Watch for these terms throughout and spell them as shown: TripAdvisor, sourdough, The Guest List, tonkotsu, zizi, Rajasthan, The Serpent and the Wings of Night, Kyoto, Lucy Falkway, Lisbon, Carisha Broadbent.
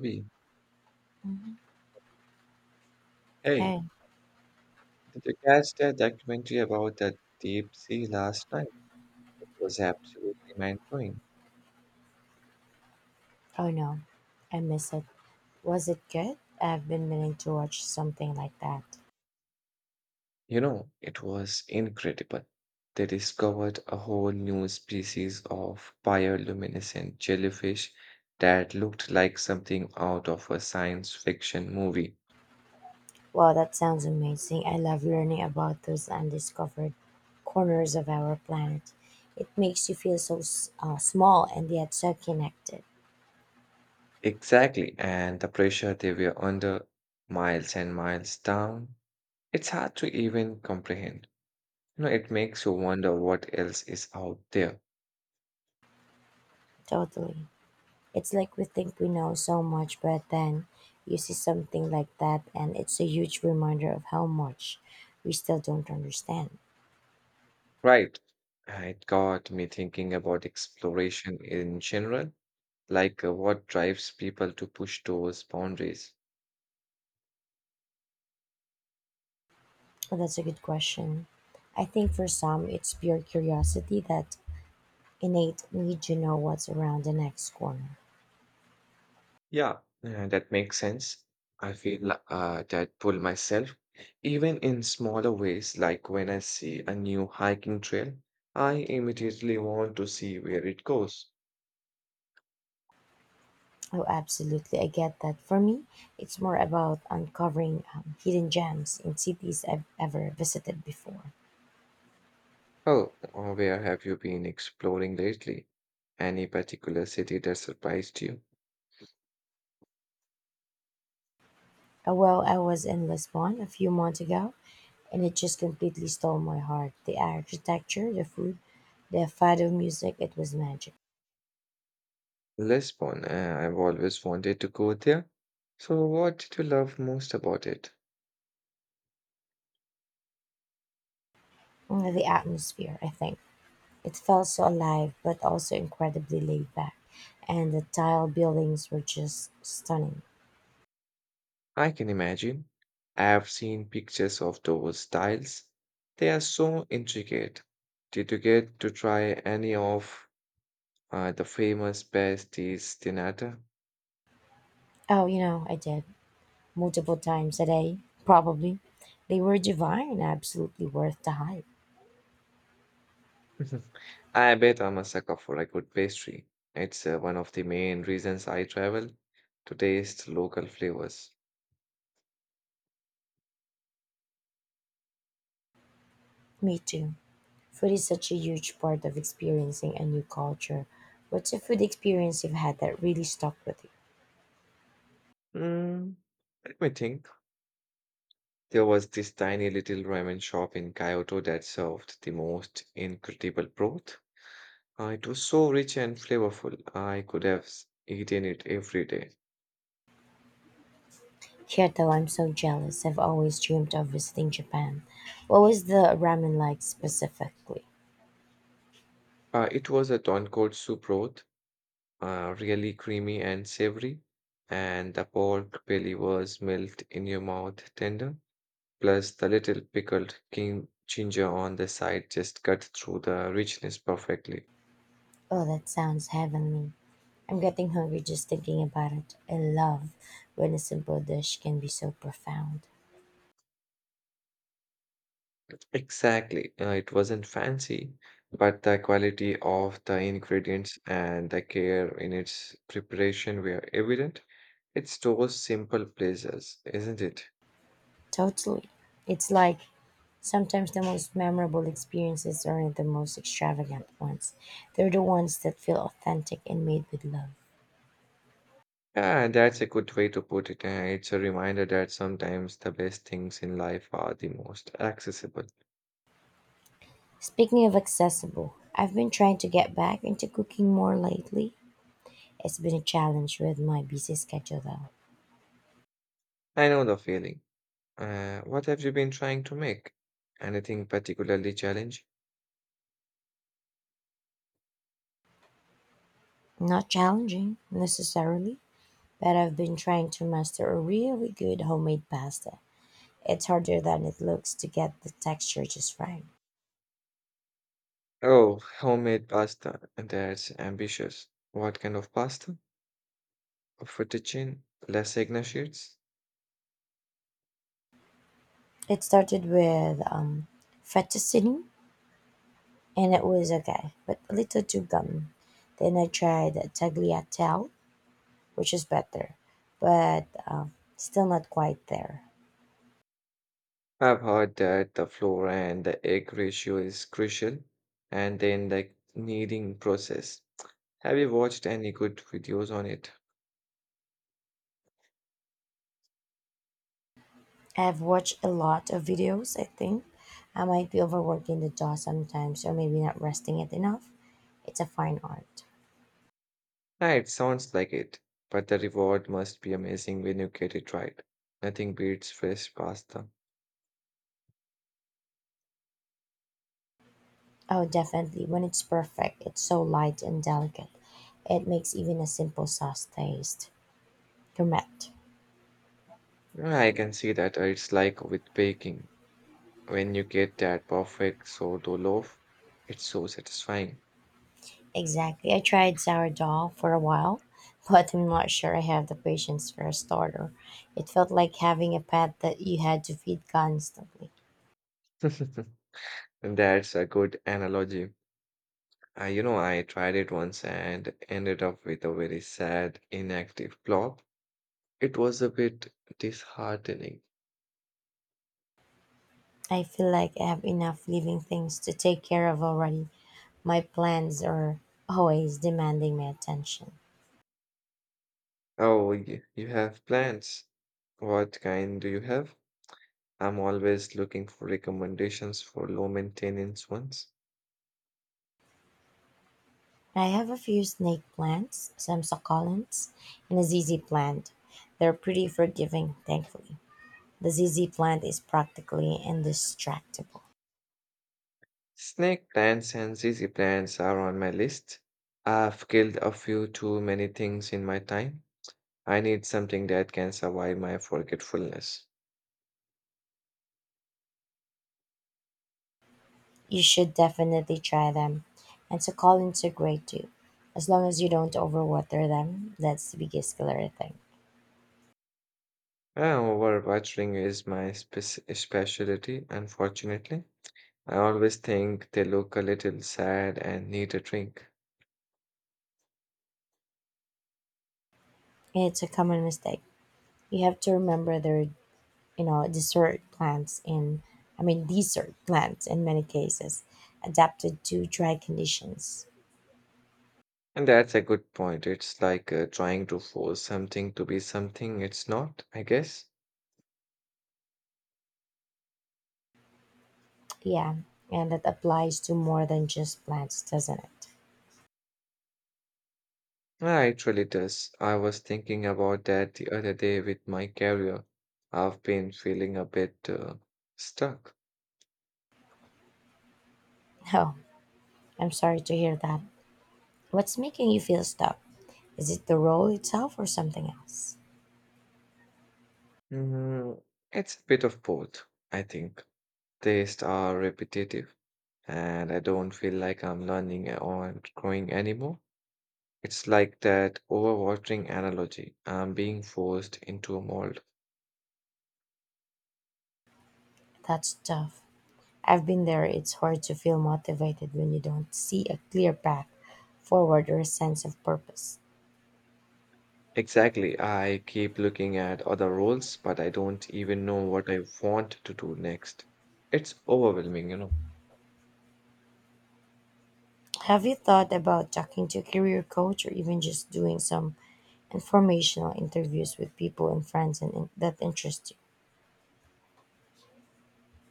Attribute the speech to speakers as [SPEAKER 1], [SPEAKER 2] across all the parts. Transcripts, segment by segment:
[SPEAKER 1] Hey,
[SPEAKER 2] Mhm.
[SPEAKER 1] hey,
[SPEAKER 2] Hey,
[SPEAKER 1] did you catch that documentary about that deep sea last night? It was absolutely mind-blowing.
[SPEAKER 2] oh no, I miss it. Was it good? I've been meaning to watch something like that.
[SPEAKER 1] You know, it was incredible. They discovered a whole new species of bioluminescent jellyfish that looked like something out of a science fiction movie.
[SPEAKER 2] Wow, that sounds amazing. I love learning about those undiscovered corners of our planet. It makes you feel so small and yet so connected.
[SPEAKER 1] Exactly, and the pressure they were under, miles and miles down, it's hard to even comprehend. You know, it makes you wonder what else is out there.
[SPEAKER 2] Totally. It's like we think we know so much, but then you see something like that, and it's a huge reminder of how much we still don't understand.
[SPEAKER 1] Right. It got me thinking about exploration in general, like what drives people to push those boundaries.
[SPEAKER 2] Well, that's a good question. I think for some, it's pure curiosity, that innate need to know what's around the next corner.
[SPEAKER 1] Yeah, that makes sense. I feel that pull myself, even in smaller ways, like when I see a new hiking trail, I immediately want to see where it goes.
[SPEAKER 2] Oh, absolutely. I get that. For me, it's more about uncovering hidden gems in cities I've ever visited before.
[SPEAKER 1] Oh, where have you been exploring lately? Any particular city that surprised you?
[SPEAKER 2] Well, I was in Lisbon a few months ago, and it just completely stole my heart. The architecture, the food, the fado music, it was magic.
[SPEAKER 1] Lisbon, eh, I've always wanted to go there. So, what did you love most about it?
[SPEAKER 2] The atmosphere, I think. It felt so alive, but also incredibly laid back, and the tile buildings were just stunning.
[SPEAKER 1] I can imagine. I have seen pictures of those tiles. They are so intricate. Did you get to try any of the famous pasties dinata?
[SPEAKER 2] Oh, you know, I did multiple times a day, probably. They were divine, absolutely worth the hype.
[SPEAKER 1] I bet I'm a sucker for a good pastry. It's one of the main reasons I travel to taste local flavors.
[SPEAKER 2] Me too. Food is such a huge part of experiencing a new culture. What's a food experience you've had that really stuck with you?
[SPEAKER 1] Mm, let me think. There was this tiny little ramen shop in Kyoto that served the most incredible broth. It was so rich and flavorful, I could have eaten it every day.
[SPEAKER 2] Kyoto, I'm so jealous. I've always dreamed of visiting Japan. What was the ramen like specifically?
[SPEAKER 1] It was a tonkotsu broth, really creamy and savory, and the pork belly was melt in your mouth tender. Plus, the little pickled king ginger on the side just cut through the richness perfectly.
[SPEAKER 2] Oh, that sounds heavenly. I'm getting hungry just thinking about it. I love when a simple dish can be so profound.
[SPEAKER 1] Exactly. It wasn't fancy, but the quality of the ingredients and the care in its preparation were evident. It's those simple pleasures, isn't it?
[SPEAKER 2] Totally. It's like sometimes the most memorable experiences aren't the most extravagant ones, they're the ones that feel authentic and made with love.
[SPEAKER 1] Yeah, that's a good way to put it. And it's a reminder that sometimes the best things in life are the most accessible.
[SPEAKER 2] Speaking of accessible, I've been trying to get back into cooking more lately. It's been a challenge with my busy schedule, though.
[SPEAKER 1] I know the feeling. What have you been trying to make? Anything particularly challenging?
[SPEAKER 2] Not challenging, necessarily, but I've been trying to master a really good homemade pasta. It's harder than it looks to get the texture just right.
[SPEAKER 1] Oh, homemade pasta. That's ambitious. What kind of pasta? For teaching lasagna sheets.
[SPEAKER 2] It started with fettuccine, and it was okay, but a little too gum. Then I tried tagliatelle, which is better, but still not quite there.
[SPEAKER 1] I've heard that the flour and the egg ratio is crucial, and then like kneading process. Have you watched any good videos on it?
[SPEAKER 2] I've watched a lot of videos, I think. I might be overworking the jaw sometimes, or maybe not resting it enough. It's a fine art.
[SPEAKER 1] Ah, it sounds like it, but the reward must be amazing when you get it right. Nothing beats fresh pasta.
[SPEAKER 2] Oh, definitely. When it's perfect, it's so light and delicate. It makes even a simple sauce taste. Correct.
[SPEAKER 1] Yeah, I can see that it's like with baking. When you get that perfect sourdough loaf, it's so satisfying.
[SPEAKER 2] Exactly. I tried sourdough for a while, but I'm not sure I have the patience for a starter. It felt like having a pet that you had to feed constantly.
[SPEAKER 1] And That's a good analogy. I tried it once and ended up with a very sad, inactive blob. It was a bit disheartening.
[SPEAKER 2] I feel like I have enough living things to take care of already. My plans are always demanding my attention.
[SPEAKER 1] Oh, you have plants. What kind do you have? I'm always looking for recommendations for low maintenance ones.
[SPEAKER 2] I have a few snake plants, some succulents, and a ZZ plant. They're pretty forgiving, thankfully. The ZZ plant is practically indestructible.
[SPEAKER 1] Snake plants and zizi plants are on my list. I've killed a few too many things in my time. I need something that can survive my forgetfulness.
[SPEAKER 2] You should definitely try them. And succulents are great too, as long as you don't overwater them. That's the biggest killer thing.
[SPEAKER 1] Yeah, overwatching is my specialty, unfortunately. I always think they look a little sad and need a drink.
[SPEAKER 2] It's a common mistake. You have to remember they're, you know, desert plants in many cases, adapted to dry conditions.
[SPEAKER 1] And that's a good point. It's like trying to force something to be something it's not, I guess.
[SPEAKER 2] Yeah, and that applies to more than just plants, doesn't it?
[SPEAKER 1] Ah, it really does. I was thinking about that the other day with my career. I've been feeling a bit stuck.
[SPEAKER 2] Oh, I'm sorry to hear that. What's making you feel stuck? Is it the role itself or something else?
[SPEAKER 1] Mm, it's a bit of both, I think. Tastes are repetitive and I don't feel like I'm learning or growing anymore. It's like that overwatering analogy. I'm being forced into a mold.
[SPEAKER 2] That's tough. I've been there. It's hard to feel motivated when you don't see a clear path forward or a sense of purpose.
[SPEAKER 1] Exactly. I keep looking at other roles, but I don't even know what I want to do next. It's overwhelming, you know.
[SPEAKER 2] Have you thought about talking to a career coach or even just doing some informational interviews with people and friends and that interest you?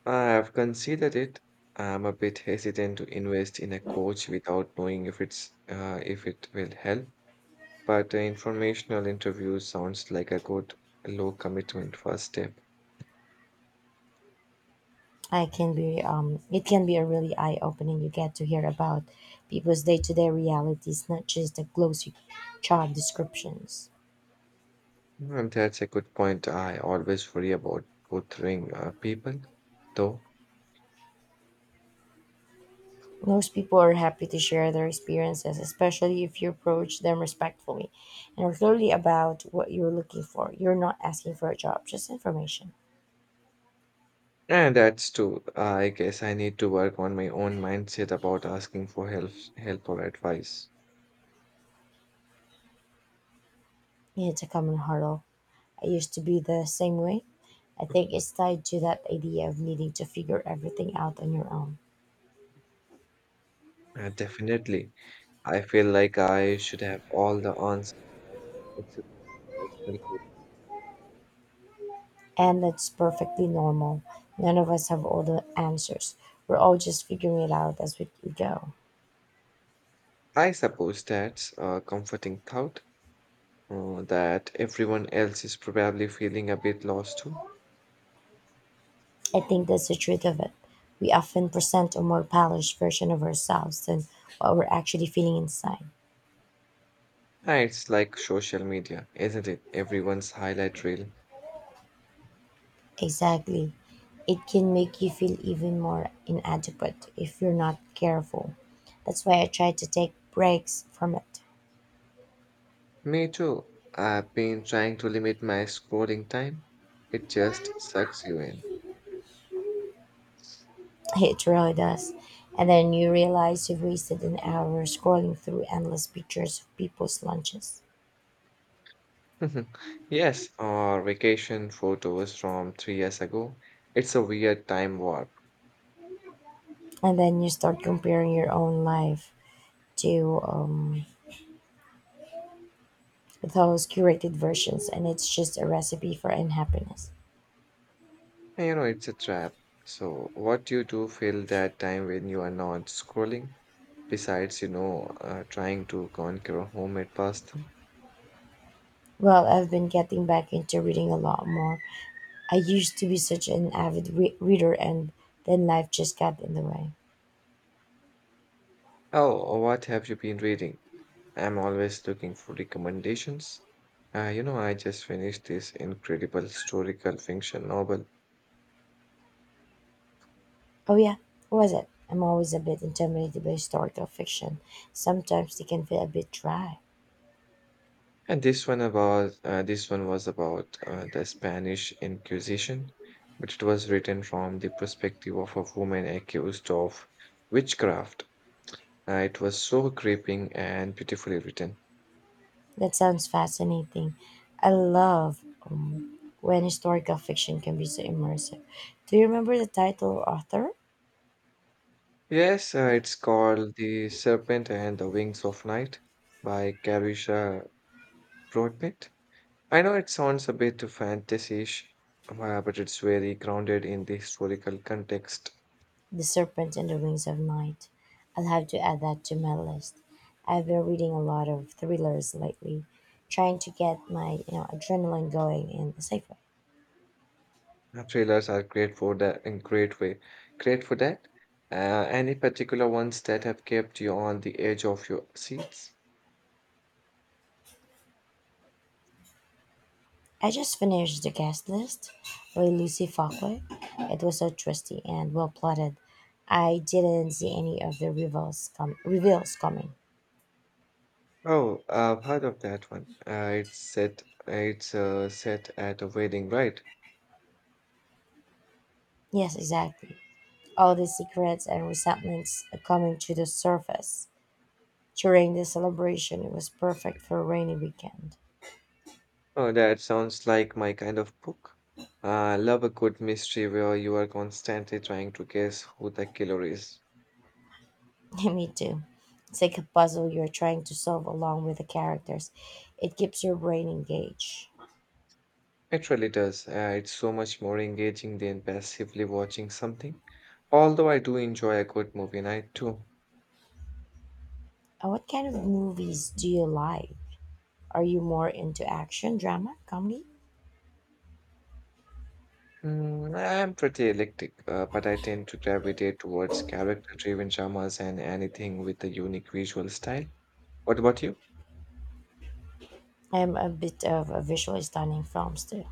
[SPEAKER 1] I've considered it. I'm a bit hesitant to invest in a coach without knowing if it's if it will help. But informational interview sounds like a good low commitment first step.
[SPEAKER 2] I can be it can be a really eye opening. You get to hear about people's day to day realities, not just the glossy job descriptions.
[SPEAKER 1] Mm, that's a good point. I always worry about bothering people, though.
[SPEAKER 2] Most people are happy to share their experiences, especially if you approach them respectfully and are clearly about what you're looking for. You're not asking for a job, just information.
[SPEAKER 1] And that's true. I guess I need to work on my own mindset about asking for help, help or advice.
[SPEAKER 2] It's a common hurdle. I used to be the same way. I think it's tied to that idea of needing to figure everything out on your own.
[SPEAKER 1] Definitely. I feel like I should have all the answers, except for personal growth.
[SPEAKER 2] And that's perfectly normal. None of us have all the answers. We're all just figuring it out as we go.
[SPEAKER 1] I suppose that's a comforting thought that everyone else is probably feeling a bit lost too.
[SPEAKER 2] I think that's the truth of it. We often present a more polished version of ourselves than what we're actually feeling inside.
[SPEAKER 1] It's like social media, isn't it? Everyone's highlight reel.
[SPEAKER 2] Exactly. It can make you feel even more inadequate if you're not careful. That's why I try to take breaks from it.
[SPEAKER 1] Me too. I've been trying to limit my scrolling time. It just sucks you in.
[SPEAKER 2] It really does. And then you realize you've wasted an hour scrolling through endless pictures of people's lunches.
[SPEAKER 1] Yes, or vacation photos from 3 years ago. It's a weird time warp.
[SPEAKER 2] And then you start comparing your own life to those curated versions, and it's just a recipe for unhappiness.
[SPEAKER 1] It's a trap. So, what do you do fill that time when you are not scrolling? Besides, trying to conquer homemade pasta.
[SPEAKER 2] Well, I've been getting back into reading a lot more. I used to be such an avid reader, and then life just got in the way.
[SPEAKER 1] Oh, what have you been reading? I'm always looking for recommendations. I just finished this incredible historical fiction novel,
[SPEAKER 2] Oh, yeah, what was it? I'm always a bit intimidated by historical fiction. Sometimes they can feel a bit dry.
[SPEAKER 1] and this one was about the Spanish Inquisition, but it was written from the perspective of a woman accused of witchcraft. It was so gripping and beautifully written.
[SPEAKER 2] That sounds fascinating. I love when historical fiction can be so immersive. Do you remember the title or author?
[SPEAKER 1] Yes, it's called The Serpent and the Wings of Night by Carisha Broadbent. I know it sounds a bit fantasy-ish, but it's very grounded in the historical context.
[SPEAKER 2] The Serpent and the Wings of Night. I'll have to add that to my list. I've been reading a lot of thrillers lately, trying to get my you know adrenaline going in a safe way.
[SPEAKER 1] Thrillers are great for that great for that. Any particular ones that have kept you on the edge of your seats?
[SPEAKER 2] I just finished The Guest List by Lucy Falkway. It was so twisty and well plotted. I didn't see any of the reveals coming.
[SPEAKER 1] Oh, I've heard of that one. It's set at a wedding, right?
[SPEAKER 2] Yes, exactly. All the secrets and resentments coming to the surface during the celebration. It was perfect for a rainy weekend.
[SPEAKER 1] Oh, that sounds like my kind of book. I love a good mystery where you are constantly trying to guess who the killer is.
[SPEAKER 2] Me too. It's like a puzzle you're trying to solve along with the characters. It keeps your brain engaged.
[SPEAKER 1] It really does. It's so much more engaging than passively watching something. Although I do enjoy a good movie night too.
[SPEAKER 2] What kind of movies do you like? Are you more into action, drama, comedy?
[SPEAKER 1] Mm, I am pretty eclectic, but I tend to gravitate towards character-driven dramas and anything with a unique visual style. What about you?
[SPEAKER 2] I'm a bit of a visually stunning films too.